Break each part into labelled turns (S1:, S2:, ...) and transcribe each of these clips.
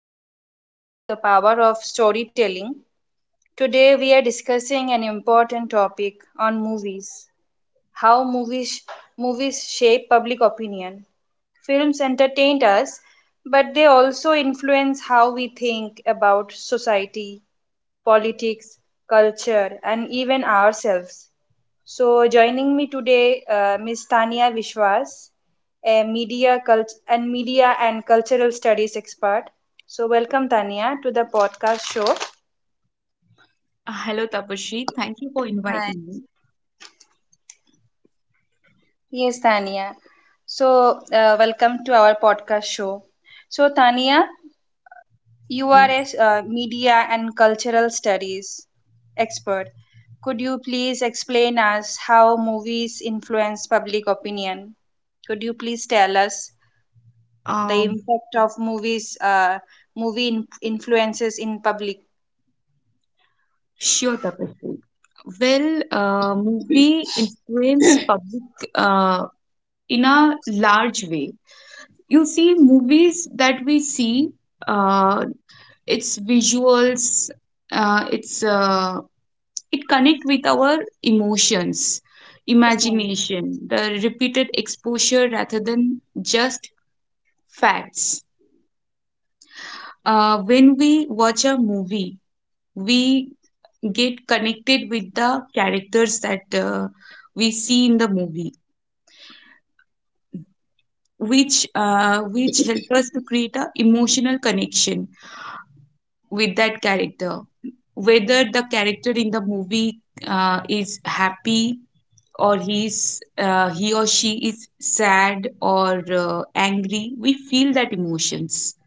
S1: where we explore the power of storytelling. Today, we are discussing an important topic on movies, how movies shape public opinion. Films entertain us, but they also influence how we think about society, politics, culture, and even ourselves. So, joining me today, Ms. Tania Vishwas, a media and cultural studies expert. So, welcome Tania to the podcast show.
S2: Hello, Tapasree. Thank you for
S1: Hi.
S2: inviting me.
S1: Yes, Tania. So, Welcome to our podcast show. So, Tania,
S2: Yes.
S1: URS media and cultural studies expert. Could you please explain us how movies influence public opinion? Could you please tell us the
S2: Um,
S1: impact of influences in public?
S2: sure, Tapasree. Well, movie influence public uh, in a large way. You see, movies that we see, uh, its visuals, uh, it's uh, it connect with our emotions,
S1: Yes, Tanvi.
S2: imagination, the repeated exposure rather than just facts. When we watch a movie, we get connected with the characters that we see in the movie which help us to create a emotional connection with that character, whether the character in the movie is happy or he or she is sad or angry, we feel that emotions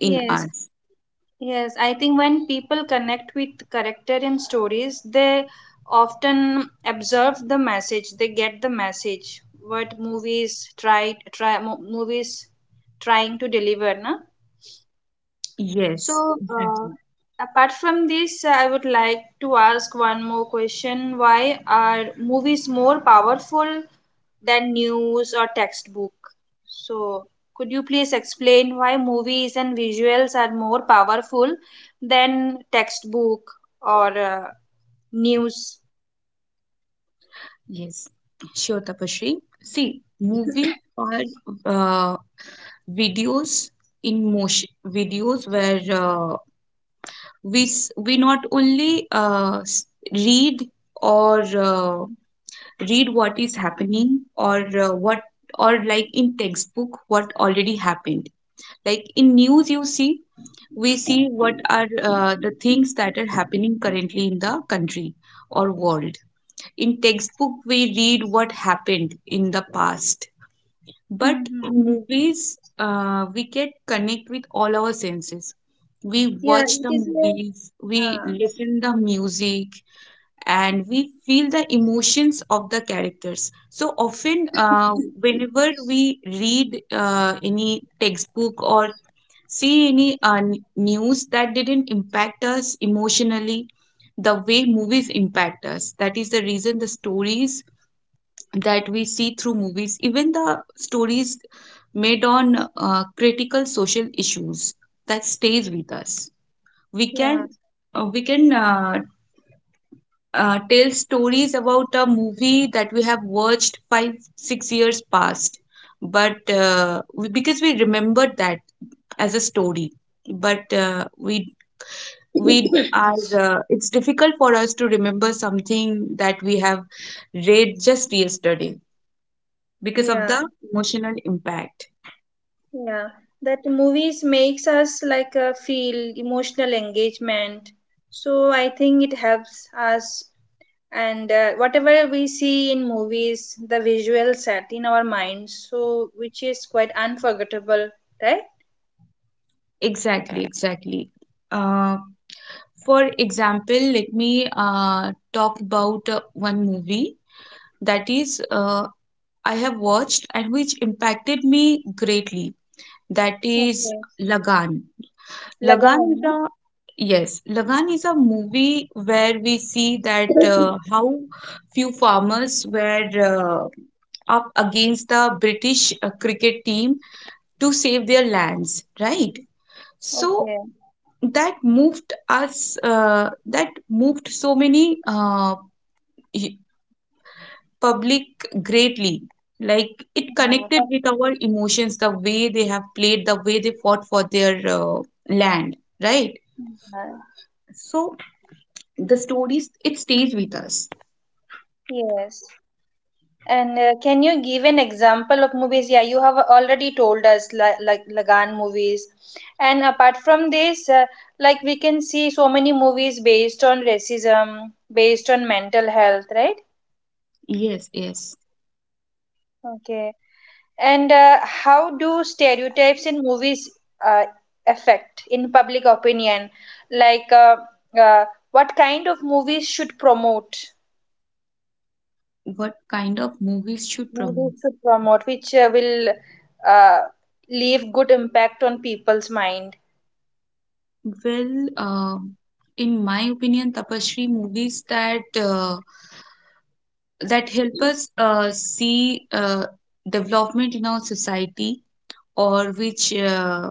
S2: in
S1: Yes,
S2: us.
S1: Yes, I think when people connect with character in stories, they often observe the message. They get the message what movies movies trying to deliver, na.
S2: Yes,
S1: So,
S2: exactly.
S1: apart from this, I would like to ask one more question: Why are movies more powerful than news or textbook? So, could you please explain why movies and visuals are more powerful than textbook or news?
S2: Yes, sure, tapashri. See, movies are uh, videos, in motion videos where we not only read or read what is happening or what, or like in textbook what already happened, like in news you see, we see what are the things that are happening currently in the country or world. In textbook we read what happened in the past, but
S1: Mm-hmm.
S2: in movies, we get connect with all our senses. We
S1: Yeah,
S2: watch the
S1: it is
S2: movies, we
S1: uh,
S2: listen the music, and we feel the emotions of the characters. So often, whenever we read any textbook or see any news, that didn't impact us emotionally, the way movies impact us. That is the reason the stories that we see through movies, even the stories made on critical social issues, that stays with us. We
S1: yeah,
S2: can we can tell stories about a movie that we have watched 5, 6 years past, but because we remembered that as a story, but we are it's difficult for us to remember something that we have read just yesterday because of
S1: yeah,
S2: the emotional impact.
S1: yeah. That movies makes us like feel emotional engagement. So I think it helps us, and whatever we see in movies the visual set in our minds, so which is quite unforgettable, right?
S2: Exactly, exactly. Uh, for example, let me talk about one movie that is I have watched and which impacted me greatly. That is
S1: Okay.
S2: Lagan.
S1: Lagan,
S2: Lagan is
S1: no?
S2: a Yes, Lagan is a movie where we see that how few farmers were up against the British cricket team to save their lands, right? So
S1: Okay.
S2: that moved us, that moved so many y- public greatly, like it
S1: हाँ,
S2: connected
S1: बस,
S2: with our emotions, the way they have played, the way they fought for their land, right?
S1: हाँ,
S2: So the stories, it stays with us.
S1: yes. And can you give an example of movies? Yeah, you have already told us, like Lagan movies. And apart from this, like we can see so many movies based on racism, based on mental health, right?
S2: Yes, yes.
S1: Okay. And how do stereotypes in movies uh, affect in public opinion? Like, uh, what kind of movies should promote?
S2: What kind of movies should promote?
S1: Movies should promote, which will uh, leave good impact on people's mind.
S2: Well, in my opinion Tapashri, movies that that help
S1: Mhm.
S2: us see development in our society or which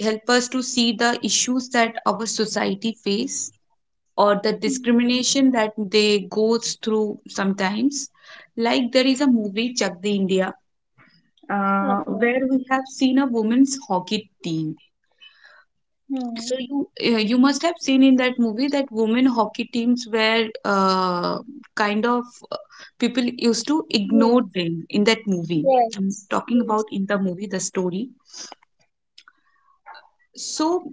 S2: help us to see the issues that our society face or the discrimination that they goes through sometimes. Like there is a movie Chak De India, where
S1: Okay.
S2: we have seen a women's hockey team. So
S1: Hmm.
S2: you you must have seen in that movie that women hockey teams were kind of uh, people used to ignore
S1: Yes.
S2: them in that movie. I'm
S1: Yes.
S2: talking
S1: Yes.
S2: about in the movie the story. So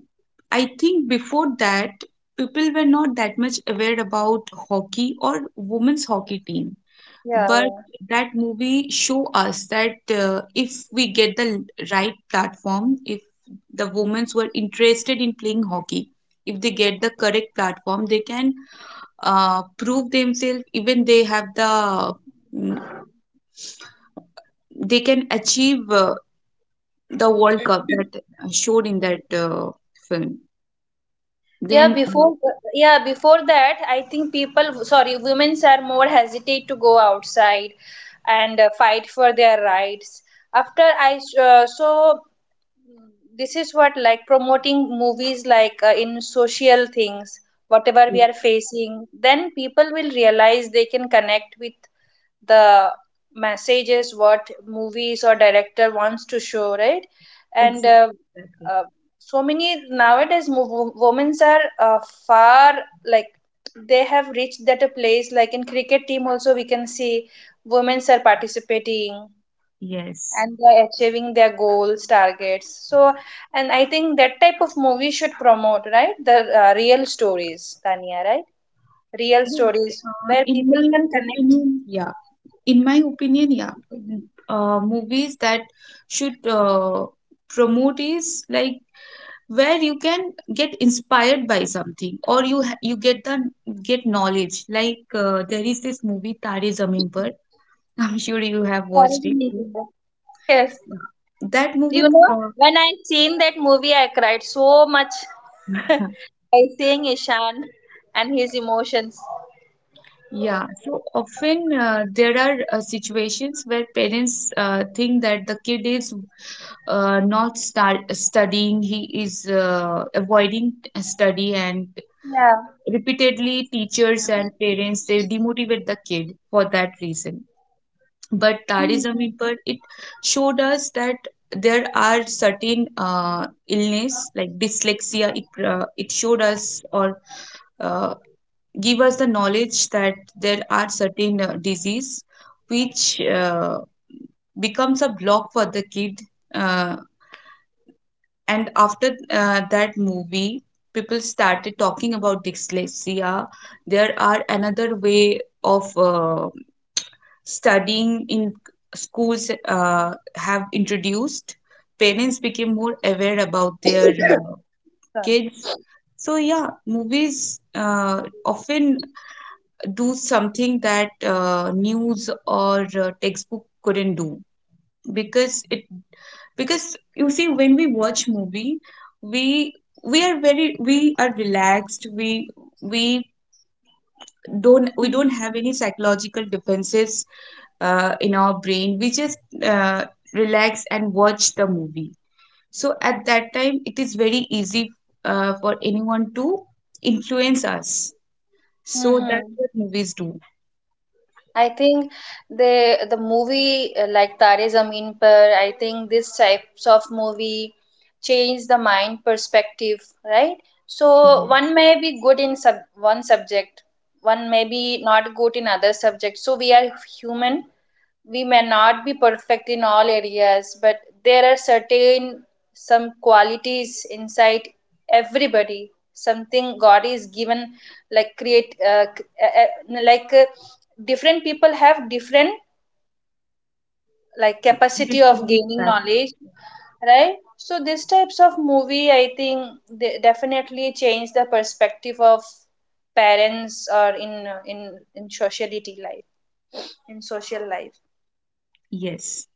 S2: I think before that, people were not that much aware about hockey or women's hockey team,
S1: Yeah,
S2: but
S1: yeah.
S2: that movie show us that if we get the right platform, if the women were interested in playing hockey, if they get the correct platform, they can prove themselves. Even they have the mm, they can achieve the world cup that showed in that film.
S1: Yeah,
S2: Then
S1: before yeah, before that, I think people, sorry, women are more hesitate to go outside and fight for their rights. So, mm, this is what like promoting movies like in social things, whatever we
S2: yes,
S1: are facing, then people will realize they can connect with the messages what movies or director wants to show, right? And
S2: exactly, exactly.
S1: uh, so many nowadays women are far, like they have reached that a place, like in cricket team also we can see women are participating
S2: Yes,
S1: and they are achieving their goals targets. So, and I think that type of movie should promote, right? The real stories, Tanya, right? Real
S2: yes.
S1: stories
S2: Uh,
S1: where
S2: in
S1: people
S2: my
S1: can connect.
S2: opinion yeah in my opinion yeah movies that should promote is like where you can get inspired by something or you get the get knowledge. Like there is this movie Tare Zameen Par. I'm sure you have watched it too.
S1: Yes.
S2: Yeah. That movie,
S1: You know,
S2: uh,
S1: when I seen that movie, I cried so much by seeing Ishan and his emotions.
S2: yeah. So often there are situations where parents think that the kid is not start studying, he is avoiding study, and
S1: Yeah.
S2: repeatedly teachers and parents they demotivate the kid for that reason. But Tariz
S1: Mhm.
S2: Amirpur it showed us that there are certain illness like dyslexia it, it showed us or uh, give us the knowledge that there are certain disease which becomes a block for the kid, uh, and after that movie, people started talking about dyslexia. There are another way of studying in schools have introduced. Parents became more aware about their
S1: Sorry.
S2: kids. So yeah, movies often do something that news or textbook couldn't do, because it because you see, when we watch movie, we we are very we are relaxed, we don't, we don't have any psychological defenses in our brain. We just uh, relax and watch the movie. So at that time it is very easy for anyone to influence us. So
S1: Hmm.
S2: that's what movies do.
S1: I think the movie like Tare Zameen Par, I think this types of movie change the mind perspective, right? So
S2: Mhm.
S1: one may be good in sub one subject, one may be not good in other subjects. So we are human, we may not be perfect in all areas, but there are certain some qualities inside everybody. Something God is given, like different people have different like capacity of
S2: Different
S1: gaining
S2: types.
S1: knowledge, right? So these types of movie, I think, they definitely change the perspective of parents or in sociality life, in social life.
S2: Yes.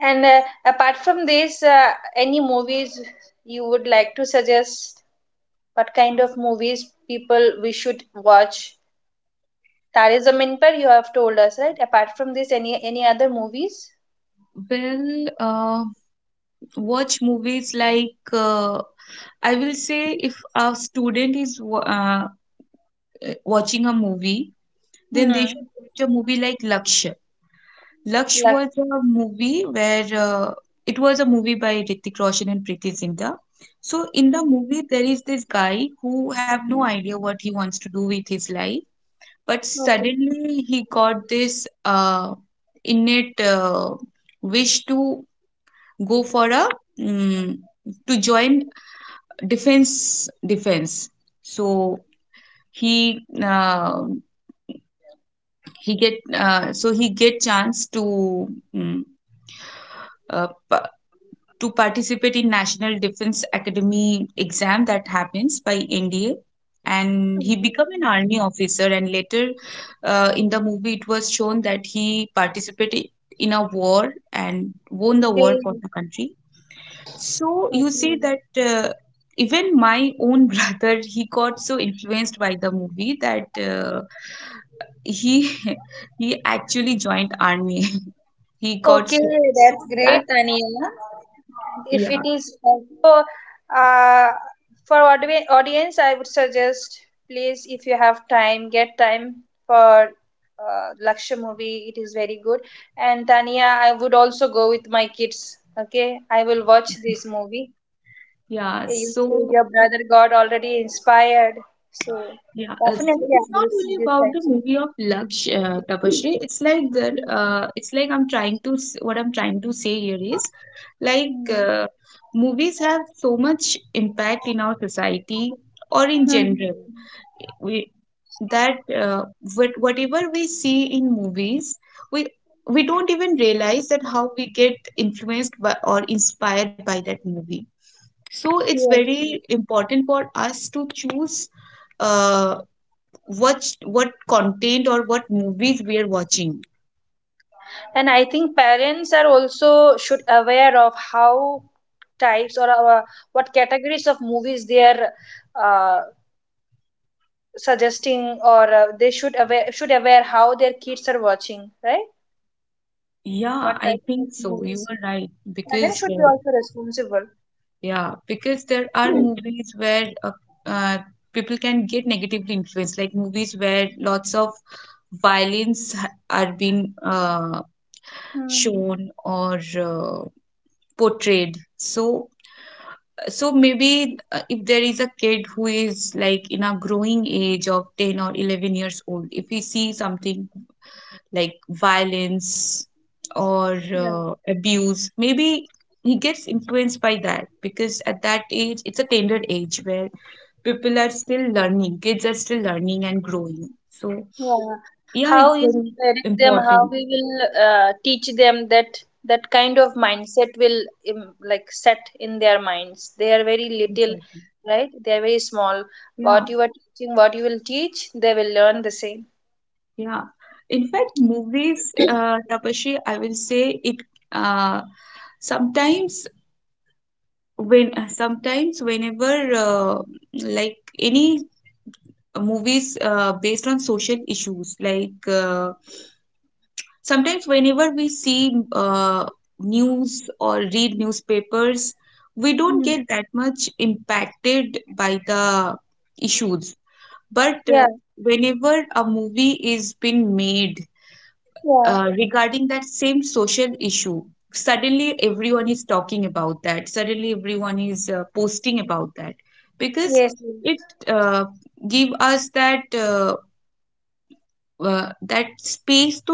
S1: And apart from this, any movies you would like to suggest? What kind of movies people we should watch? Tare Zameen Par you have told us, right? Apart from this, any other movies?
S2: Well, uh, watch movies like I will say if a student is watching a movie, then they
S1: Hmm.
S2: should watch a movie like Lakshya. Laksh
S1: Like,
S2: was a movie where it was a movie by Hrithik Roshan and Preeti Zinta. So in the movie, there is this guy who have no idea what he wants to do with his life, but
S1: okay,
S2: suddenly he got this innate wish to go for a mm, to join defense. So he uh, he get so he get chance to mm, uh, pa- to participate in national defense academy exam that happens by NDA, and he become an army officer. And later in the movie it was shown that he participated in a war and won the war
S1: okay,
S2: for
S1: okay,
S2: the country. So you see
S1: okay.
S2: that even my own brother, he got so influenced by the movie that he he actually joined army. He got
S1: Okay,
S2: so, so
S1: that's great,
S2: that's,
S1: Aniya. If
S2: yeah,
S1: it is also uh, for audience, I would suggest, please, if you have time, get time for Lakshya movie. It is very good. And Tania, I would also go with my kids. Okay, I will watch this movie.
S2: yeah.
S1: Okay, you say
S2: So
S1: your brother got already inspired, so
S2: yeah,
S1: definitely
S2: so
S1: I
S2: it's not
S1: will see
S2: only
S1: this
S2: about the
S1: type of
S2: movie of Laksh,
S1: movie.
S2: Tapasree. It's like that it's like I'm trying to what I'm trying to say here is like,
S1: Hmm.
S2: movies have so much impact in our society or in
S1: Hmm.
S2: general. We that What- whatever we see in movies, we we don't even realize that how we get influenced by or inspired by that movie. So it's
S1: Yes.
S2: very
S1: Yes.
S2: important for us to choose uh, what what content or what movies we are watching.
S1: And I think parents are also should aware of how types or what categories of movies they are uh, suggesting, or they should aware how their kids are watching, right?
S2: Yeah,
S1: What
S2: I
S1: type of
S2: think so, you
S1: movies
S2: are right.
S1: parents
S2: Because
S1: should be also responsible.
S2: yeah, because there are
S1: Hmm.
S2: movies where uh, people can get negatively influenced, like movies where lots of are being
S1: Hmm.
S2: shown or portrayed. So, maybe if there is a kid who is like in a growing age of 10 or 11 years old, if he sees something like violence or
S1: Yeah.
S2: abuse maybe, he gets influenced by that because at that age it's a tender age where people are still learning, kids are still learning and growing. So
S1: Yeah.
S2: yeah,
S1: How
S2: it's
S1: you will
S2: very
S1: direct them, how
S2: important.
S1: we will teach them that that kind of mindset will like set in their minds. They are very little,
S2: Exactly.
S1: right? They are very small.
S2: Yeah,
S1: What you are teaching, what you will teach, they will learn the same.
S2: yeah, in fact movies Tapashi, I will say it uh sometimes sometimes whenever uh, like any movies based on social issues, like sometimes whenever we see news or read newspapers, we don't
S1: Hmm.
S2: get that much impacted by the issues, but
S1: Yeah,
S2: whenever a movie is being made
S1: yeah,
S2: regarding that same social issue, suddenly everyone is talking about that, suddenly everyone is posting about that, because
S1: yes,
S2: it uh, give us that that space to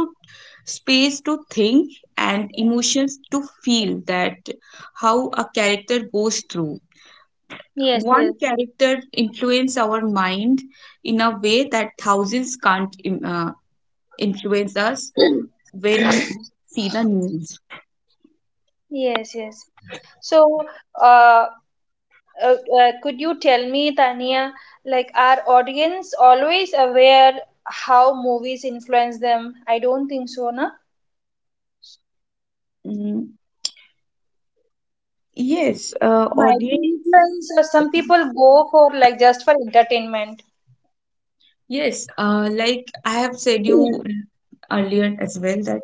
S2: think, and emotions to feel that how a character goes through.
S1: yes,
S2: One
S1: yes,
S2: character influence our mind in a way that thousands can't influence us
S1: yes,
S2: when we see the news.
S1: yes. So, uh, could you tell me, Tania, like are audience always aware how movies influence them? I don't think so, na?
S2: Mm, yes
S1: Might be
S2: audience,
S1: influence, or some people go for like just for entertainment.
S2: yes like I have said you earlier as well that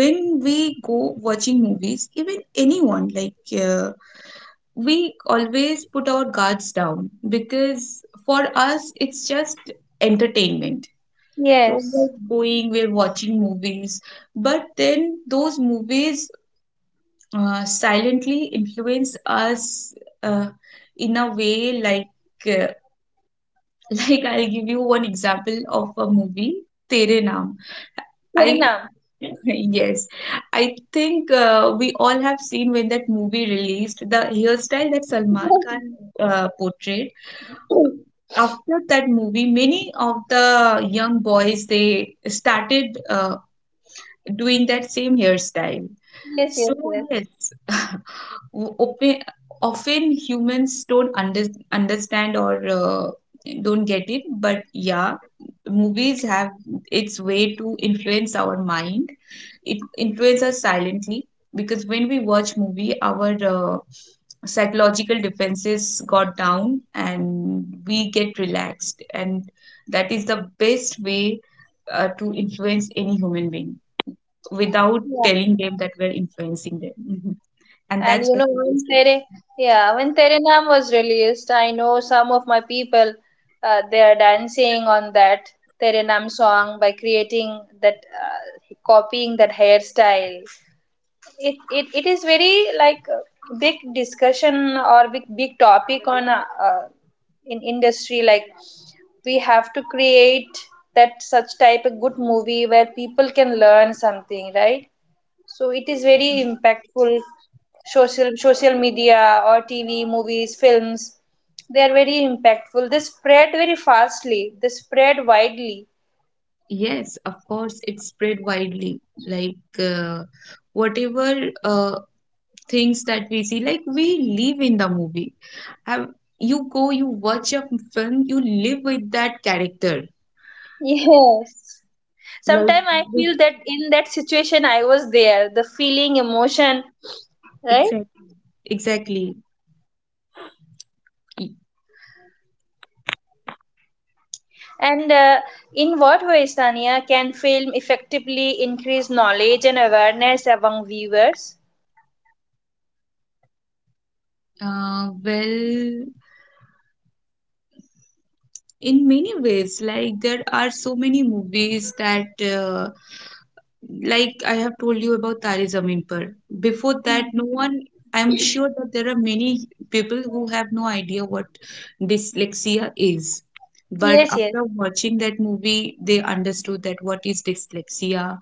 S2: when we go watching movies, even anyone like, we always put our guards down because for us it's just entertainment. So we're
S1: Yes.
S2: going, we're watching movies, but then those movies silently influence us uh, in a way like uh, like I'll give you one example of a movie, Tere Naam.
S1: Fair
S2: I
S1: enough.
S2: Yes, I think we all have seen when that movie released, the hairstyle that Salman Khan portrayed, after that movie many of the young boys they started doing that same hairstyle.
S1: Yes,
S2: So,
S1: yes,
S2: yes, open, often humans don't understand or don't get it, but yeah, movies have its way to influence our mind. It influences us silently, because when we watch movie, our psychological defenses got down and we get relaxed, and that is the best way to influence any human being without
S1: yes.
S2: telling them that we're influencing them. Mhm. And
S1: And
S2: that's
S1: you
S2: what
S1: know,
S2: movies do.
S1: Yeah, when Tere Naam was released, I know some of my people, they are dancing on that Tere Naam song by creating that, copying that hairstyle. It is very like a big discussion or big topic on in industry. Like we have to create that such type of good movie where people can learn something, right? So it is very impactful. Social, social media or TV, movies, films, they are very impactful, they spread very fastly, they spread widely.
S2: Yes, of course, it's spread widely. Like whatever things that we see, like we live in the movie. Have you go, you watch a film, you live with that character.
S1: Yes,
S2: Like
S1: sometimes I feel
S2: with-
S1: that in that situation I was there, the feeling, emotion, right?
S2: exact, exactly. Y-
S1: And in what way, Tanya, can film effectively increase knowledge and awareness among viewers?
S2: Uh, well, in many ways, like there are so many movies that like I have told you about Tari Zameen Par. Before that, no
S1: Mhm.
S2: one, I'm sure that there are many people who have no idea what dyslexia is. But
S1: Yes, yes.
S2: after watching that movie, they understood that what is dyslexia.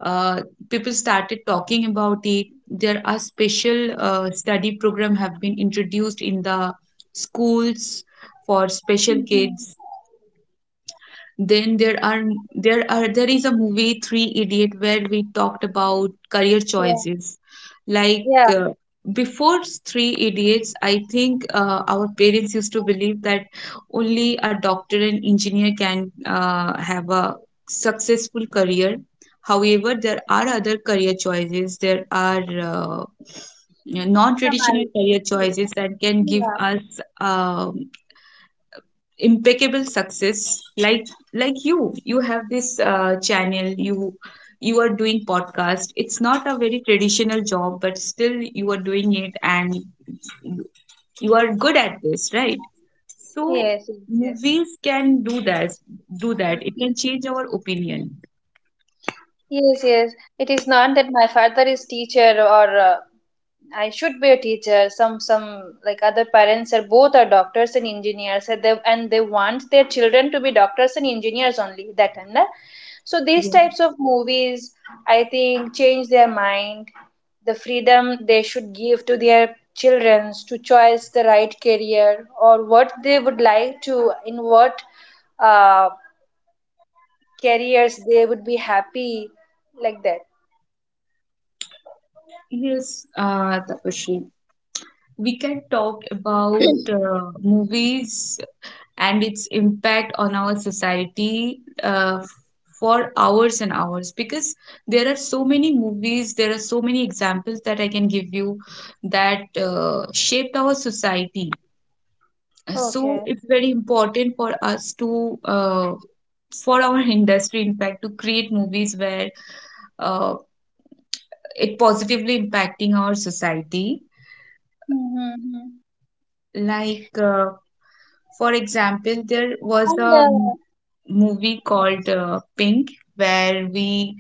S2: Uh, People started talking about it. There are special study program have been introduced in the schools for special
S1: Mhm.
S2: kids. Then there is a movie Three Idiot where we talked about career choices. Like
S1: Yeah, yeah.
S2: uh, Before Three Idiots, I think our parents used to believe that only a doctor and engineer can have a successful career. However, there are other career choices. There are non-traditional
S1: Summary.
S2: career choices that can give
S1: Yeah.
S2: us impeccable success, like you have this channel. You are doing podcast. It's not a very traditional job, but still you are doing it, and you you are good at this, right? So
S1: Yes.
S2: movies can do that. It can change our opinion.
S1: Yes, yes. It is not that my father is teacher, or I should be a teacher. Some like other parents are both are doctors and engineers, and they want their children to be doctors and engineers only that and that. So these
S2: Yes,
S1: types of movies, I think, change their mind. The freedom they should give to their children to choose the right career, or what they would like to in what uh. careers they would be happy, like that.
S2: yes. Uh, Tapashri, we can talk about movies and its impact on our society for hours and hours, because there are so many movies, there are so many examples that I can give you that shaped our society. So
S1: Okay.
S2: it's very important for us to for our industry in fact to create movies where uh, it positively impacting our society.
S1: Mm-hmm.
S2: Like for example, there was
S1: And
S2: a movie called
S1: yes.
S2: Pink, where we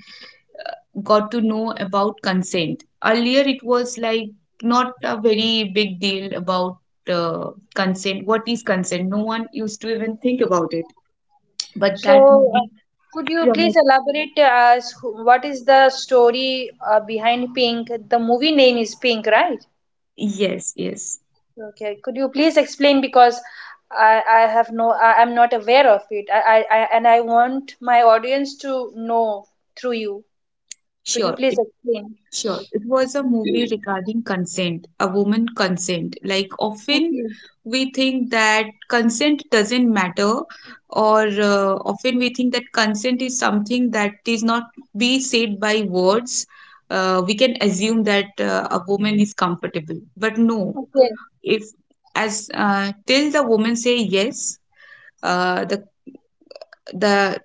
S2: got to know about consent. Earlier, it was like not a very big deal about uh, consent. What is consent? No one used to even think about it. But
S1: So,
S2: that
S1: uh,
S2: movie
S1: could you please
S2: promote.
S1: elaborate what is the story behind Pink? The movie name is Pink, right?
S2: Yes, yes,
S1: Okay, could you please explain, because I have no, I'm not aware of it, I and I want my audience to know through you. Could you
S2: sure.
S1: please explain?
S2: Sure. It was a movie regarding consent, a woman consent. Like often
S1: Okay,
S2: we think that consent doesn't matter, or often we think that consent is something that is not be said by words. We can assume that a woman is comfortable, but no.
S1: okay,
S2: If as till the woman say yes, uh, the the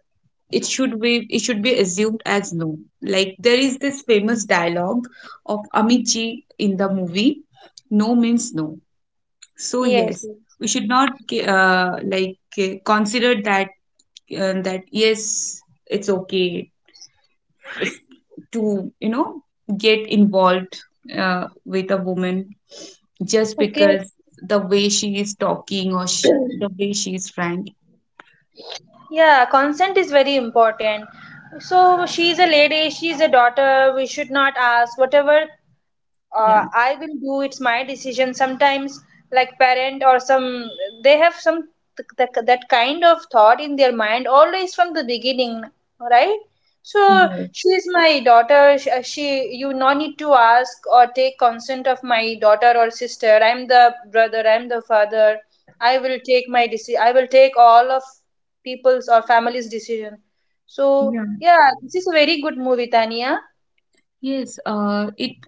S2: it should be assumed as no. Like there is this famous dialogue of amit ji in the movie, no means no. So
S1: yes,
S2: yes, we should not uh, like consider that that yes, it's okay to you know get involved with a woman just
S1: okay.
S2: because the way she is talking, or the way she is frank.
S1: Yeah, consent is very important. So she's a lady, she's a daughter, we should not ask whatever
S2: Yeah,
S1: I will do. It's my decision. Sometimes, like parent or some, they have some th- that kind of thought in their mind always from the beginning, right? So
S2: yeah,
S1: she is my daughter. She, you no need to ask or take consent of my daughter or sister. I'm the brother. I'm the father. I will take my decision. I will take all of people's or family's decision. So
S2: yeah.
S1: yeah, this is a very good movie, Tania.
S2: Yes uh it,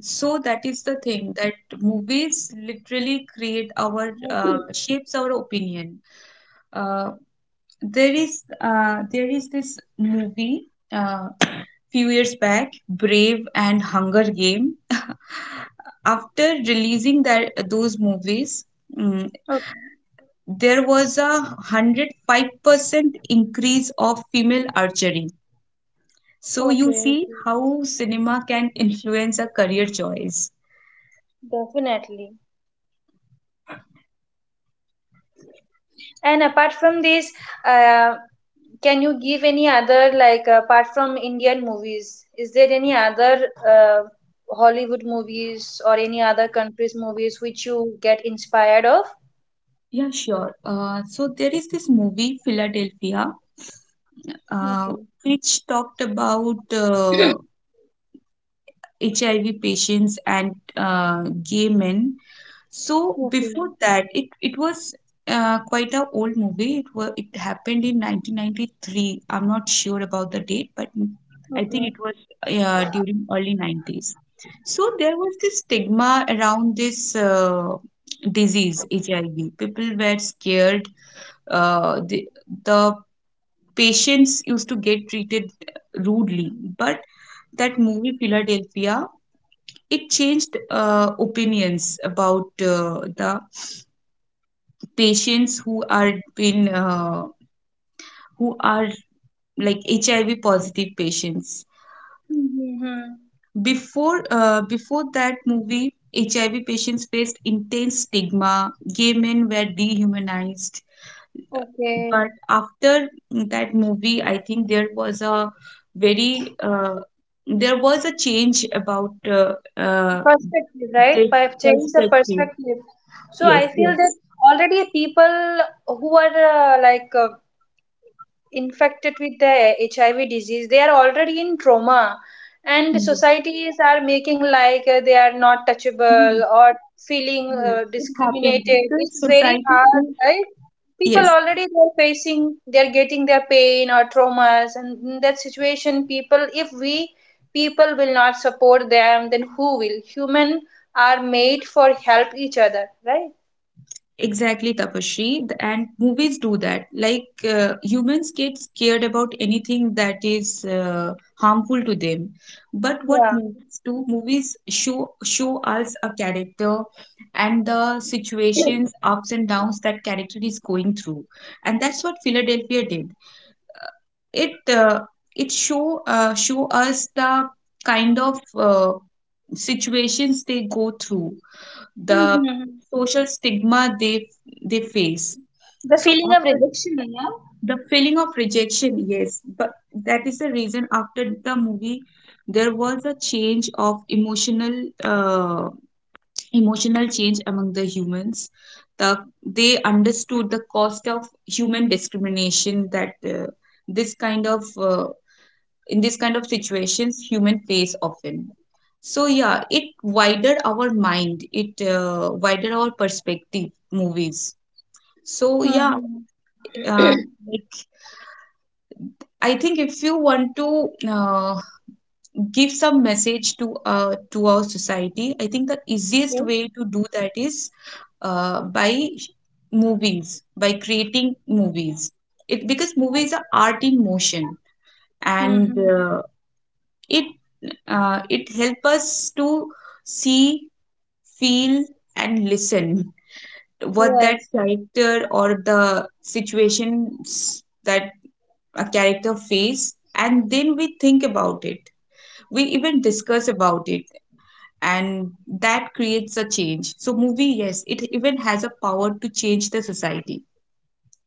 S2: so that is the thing that movies literally create our shapes our opinion. uh, there is this movie uh, few years back, Brave and Hunger Game after releasing that those movies, mm, there was a 105% increase of female archery. So you
S1: Okay.
S2: see
S1: Okay.
S2: how cinema can influence a career choice.
S1: Definitely. And apart from this, uh, can you give any other, like apart from Indian movies, is there any other Hollywood movies or any other countries' movies which you get inspired of?
S2: Yeah, sure. So there is this movie, Philadelphia, uh,
S1: Okay.
S2: which talked about HIV patients and gay men. So
S1: Okay.
S2: before that, it was quite a old movie. It was it happened in 1993. I'm not sure about the date, but I think
S1: Okay.
S2: it was during early 90s. So there was this stigma around this disease, HIV. People were scared. Uh, the, the patients used to get treated rudely, but that movie Philadelphia, it changed opinions about the patients who are who are like HIV positive patients.
S1: Mm-hmm.
S2: Before before that movie, HIV patients faced intense stigma, gay men were dehumanized.
S1: Okay.
S2: But after that movie, I think there was a very there was a change about
S1: Perspective, right?
S2: this
S1: Change the
S2: perspective.
S1: perspective. So
S2: Yes,
S1: I feel that
S2: yes.
S1: already people who are infected with the HIV disease, they are already in trauma, and
S2: Yes,
S1: societies are making like they are not
S2: yes,
S1: touchable, or feeling
S2: yes. It happened.
S1: discriminated,
S2: The
S1: it's very
S2: society
S1: hard,
S2: is
S1: right? People
S2: yes.
S1: already they're facing, they're getting their pain or traumas, and in that situation people, if we people will not support them, then who will? Human are made for help each other, right?
S2: Exactly, Tapashri. The- And movies do that. Like humans get scared about anything that is harmful to them. But what
S1: Yeah.
S2: movies do? Movies show us a character and the situations, ups and downs that character is going through. And that's what Philadelphia did. It show us the kind of situations they go through, the
S1: Mhm.
S2: social stigma they face.
S1: The
S2: So
S1: feeling of
S2: after
S1: rejection, yeah.
S2: the feeling of rejection, yes, but that is the reason after the movie there was a change of uh, emotional change among the humans. the they understood the cost of human discrimination, that this kind of in this kind of situations human face often. So yeah, it widened our mind, it widened our perspective, movies. So yeah.
S1: Hmm.
S2: uh,
S1: Yes.
S2: like I think if you want to uh, give some message to our society, I think the easiest way to do that is by sh- movies, by creating movies. It, because movies are art in motion, and
S1: Mm-hmm.
S2: it it helps us to see, feel and listen what that
S1: Yes.
S2: character or the situations that a character face, and then we think about it, we even discuss about it, and that creates a change. So movie, yes, it even has a power to change the society.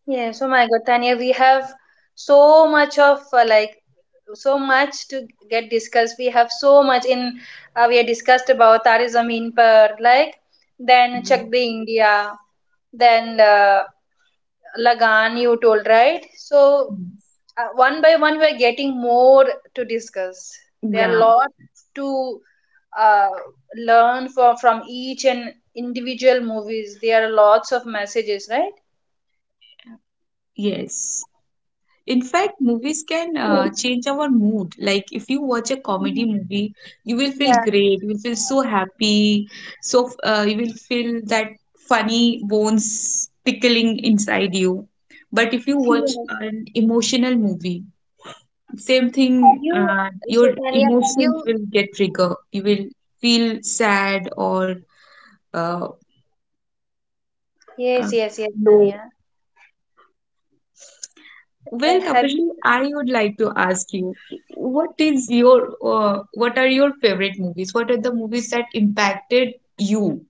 S1: Yes. Oh my God, Tanya, we have so much of like so much to get discussed. We have so much in we have discussed about Tare Zameen Par, like then
S2: Yes,
S1: Chak De India, then Lagan you told, right? So
S2: yes.
S1: one by one we are getting more to discuss, there are
S2: Yeah,
S1: lots to uh, learn for, from each and individual movies, there are lots of messages, right?
S2: yes. In fact, movies can change our mood. Like if you watch a comedy movie, you will feel
S1: Yeah,
S2: great. You will feel so happy. So you will feel that funny bones tickling inside you. But if you watch
S1: yes.
S2: an emotional movie, same thing.
S1: Have you,
S2: Your
S1: so Tanya,
S2: emotions will get trigger. You will feel sad or uh,
S1: yes
S2: uh,
S1: yes yes tanya
S2: low.
S1: uh,
S2: Well,
S1: have you,
S2: Tapashri, I would like to ask you, what is your what are your favorite movies? What are the movies that impacted you?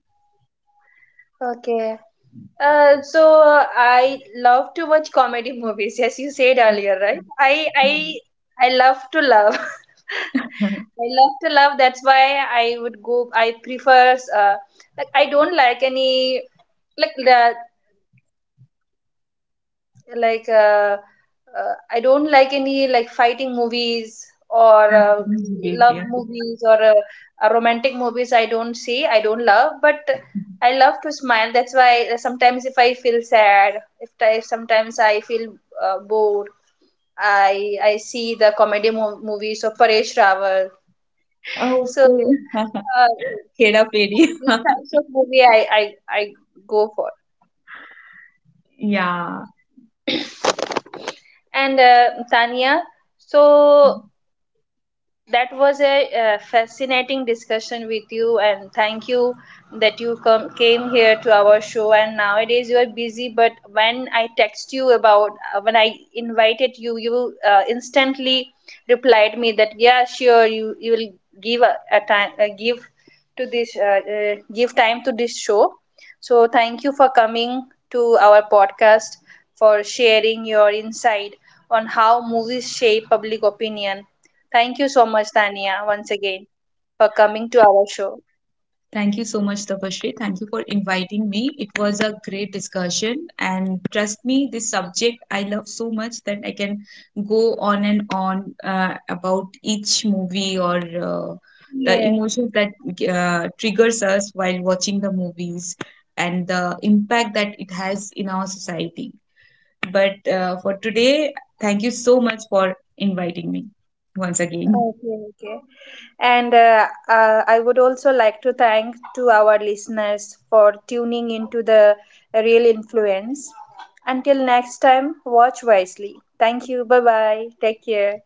S1: okay. I love to watch comedy movies, as you said earlier, right? I love to love.
S2: Action
S1: I love to love. That's why I would go. I prefers like I don't like any like the like I don't like any like fighting movies, or
S2: Movies,
S1: love
S2: yeah.
S1: movies, or romantic movies I don't see, I don't love. But I love to smile, that's why sometimes if I feel sad, if I, sometimes I feel bored, I see the comedy movies of Paresh Rawal. So
S2: Okay.
S1: uh,
S2: Hera Fairy.
S1: these types of movie I go for.
S2: Yeah.
S1: And Tanya, so that was a fascinating discussion with you, and thank you that you come came here to our show. And nowadays you are busy, but when I text you about when I invited you, you instantly replied me that yeah sure you you will give a time give to this give time to this show. So thank you for coming to our podcast, for sharing your insight on how movies shape public opinion. Thank you so much, Tania, once again for coming to our show.
S2: Thank you so much, Tapashri. Thank you for inviting me. It was a great discussion, and trust me, this subject I love so much that I can go on and on about each movie or uh, the
S1: Yes,
S2: emotions that triggers us while watching the movies, and the impact that it has in our society. But for today, thank you so much for inviting me once again.
S1: okay, okay. And I would also like to thank to our listeners for tuning into the Real Influence. Until next time, watch wisely. Thank you. Bye bye. Take care.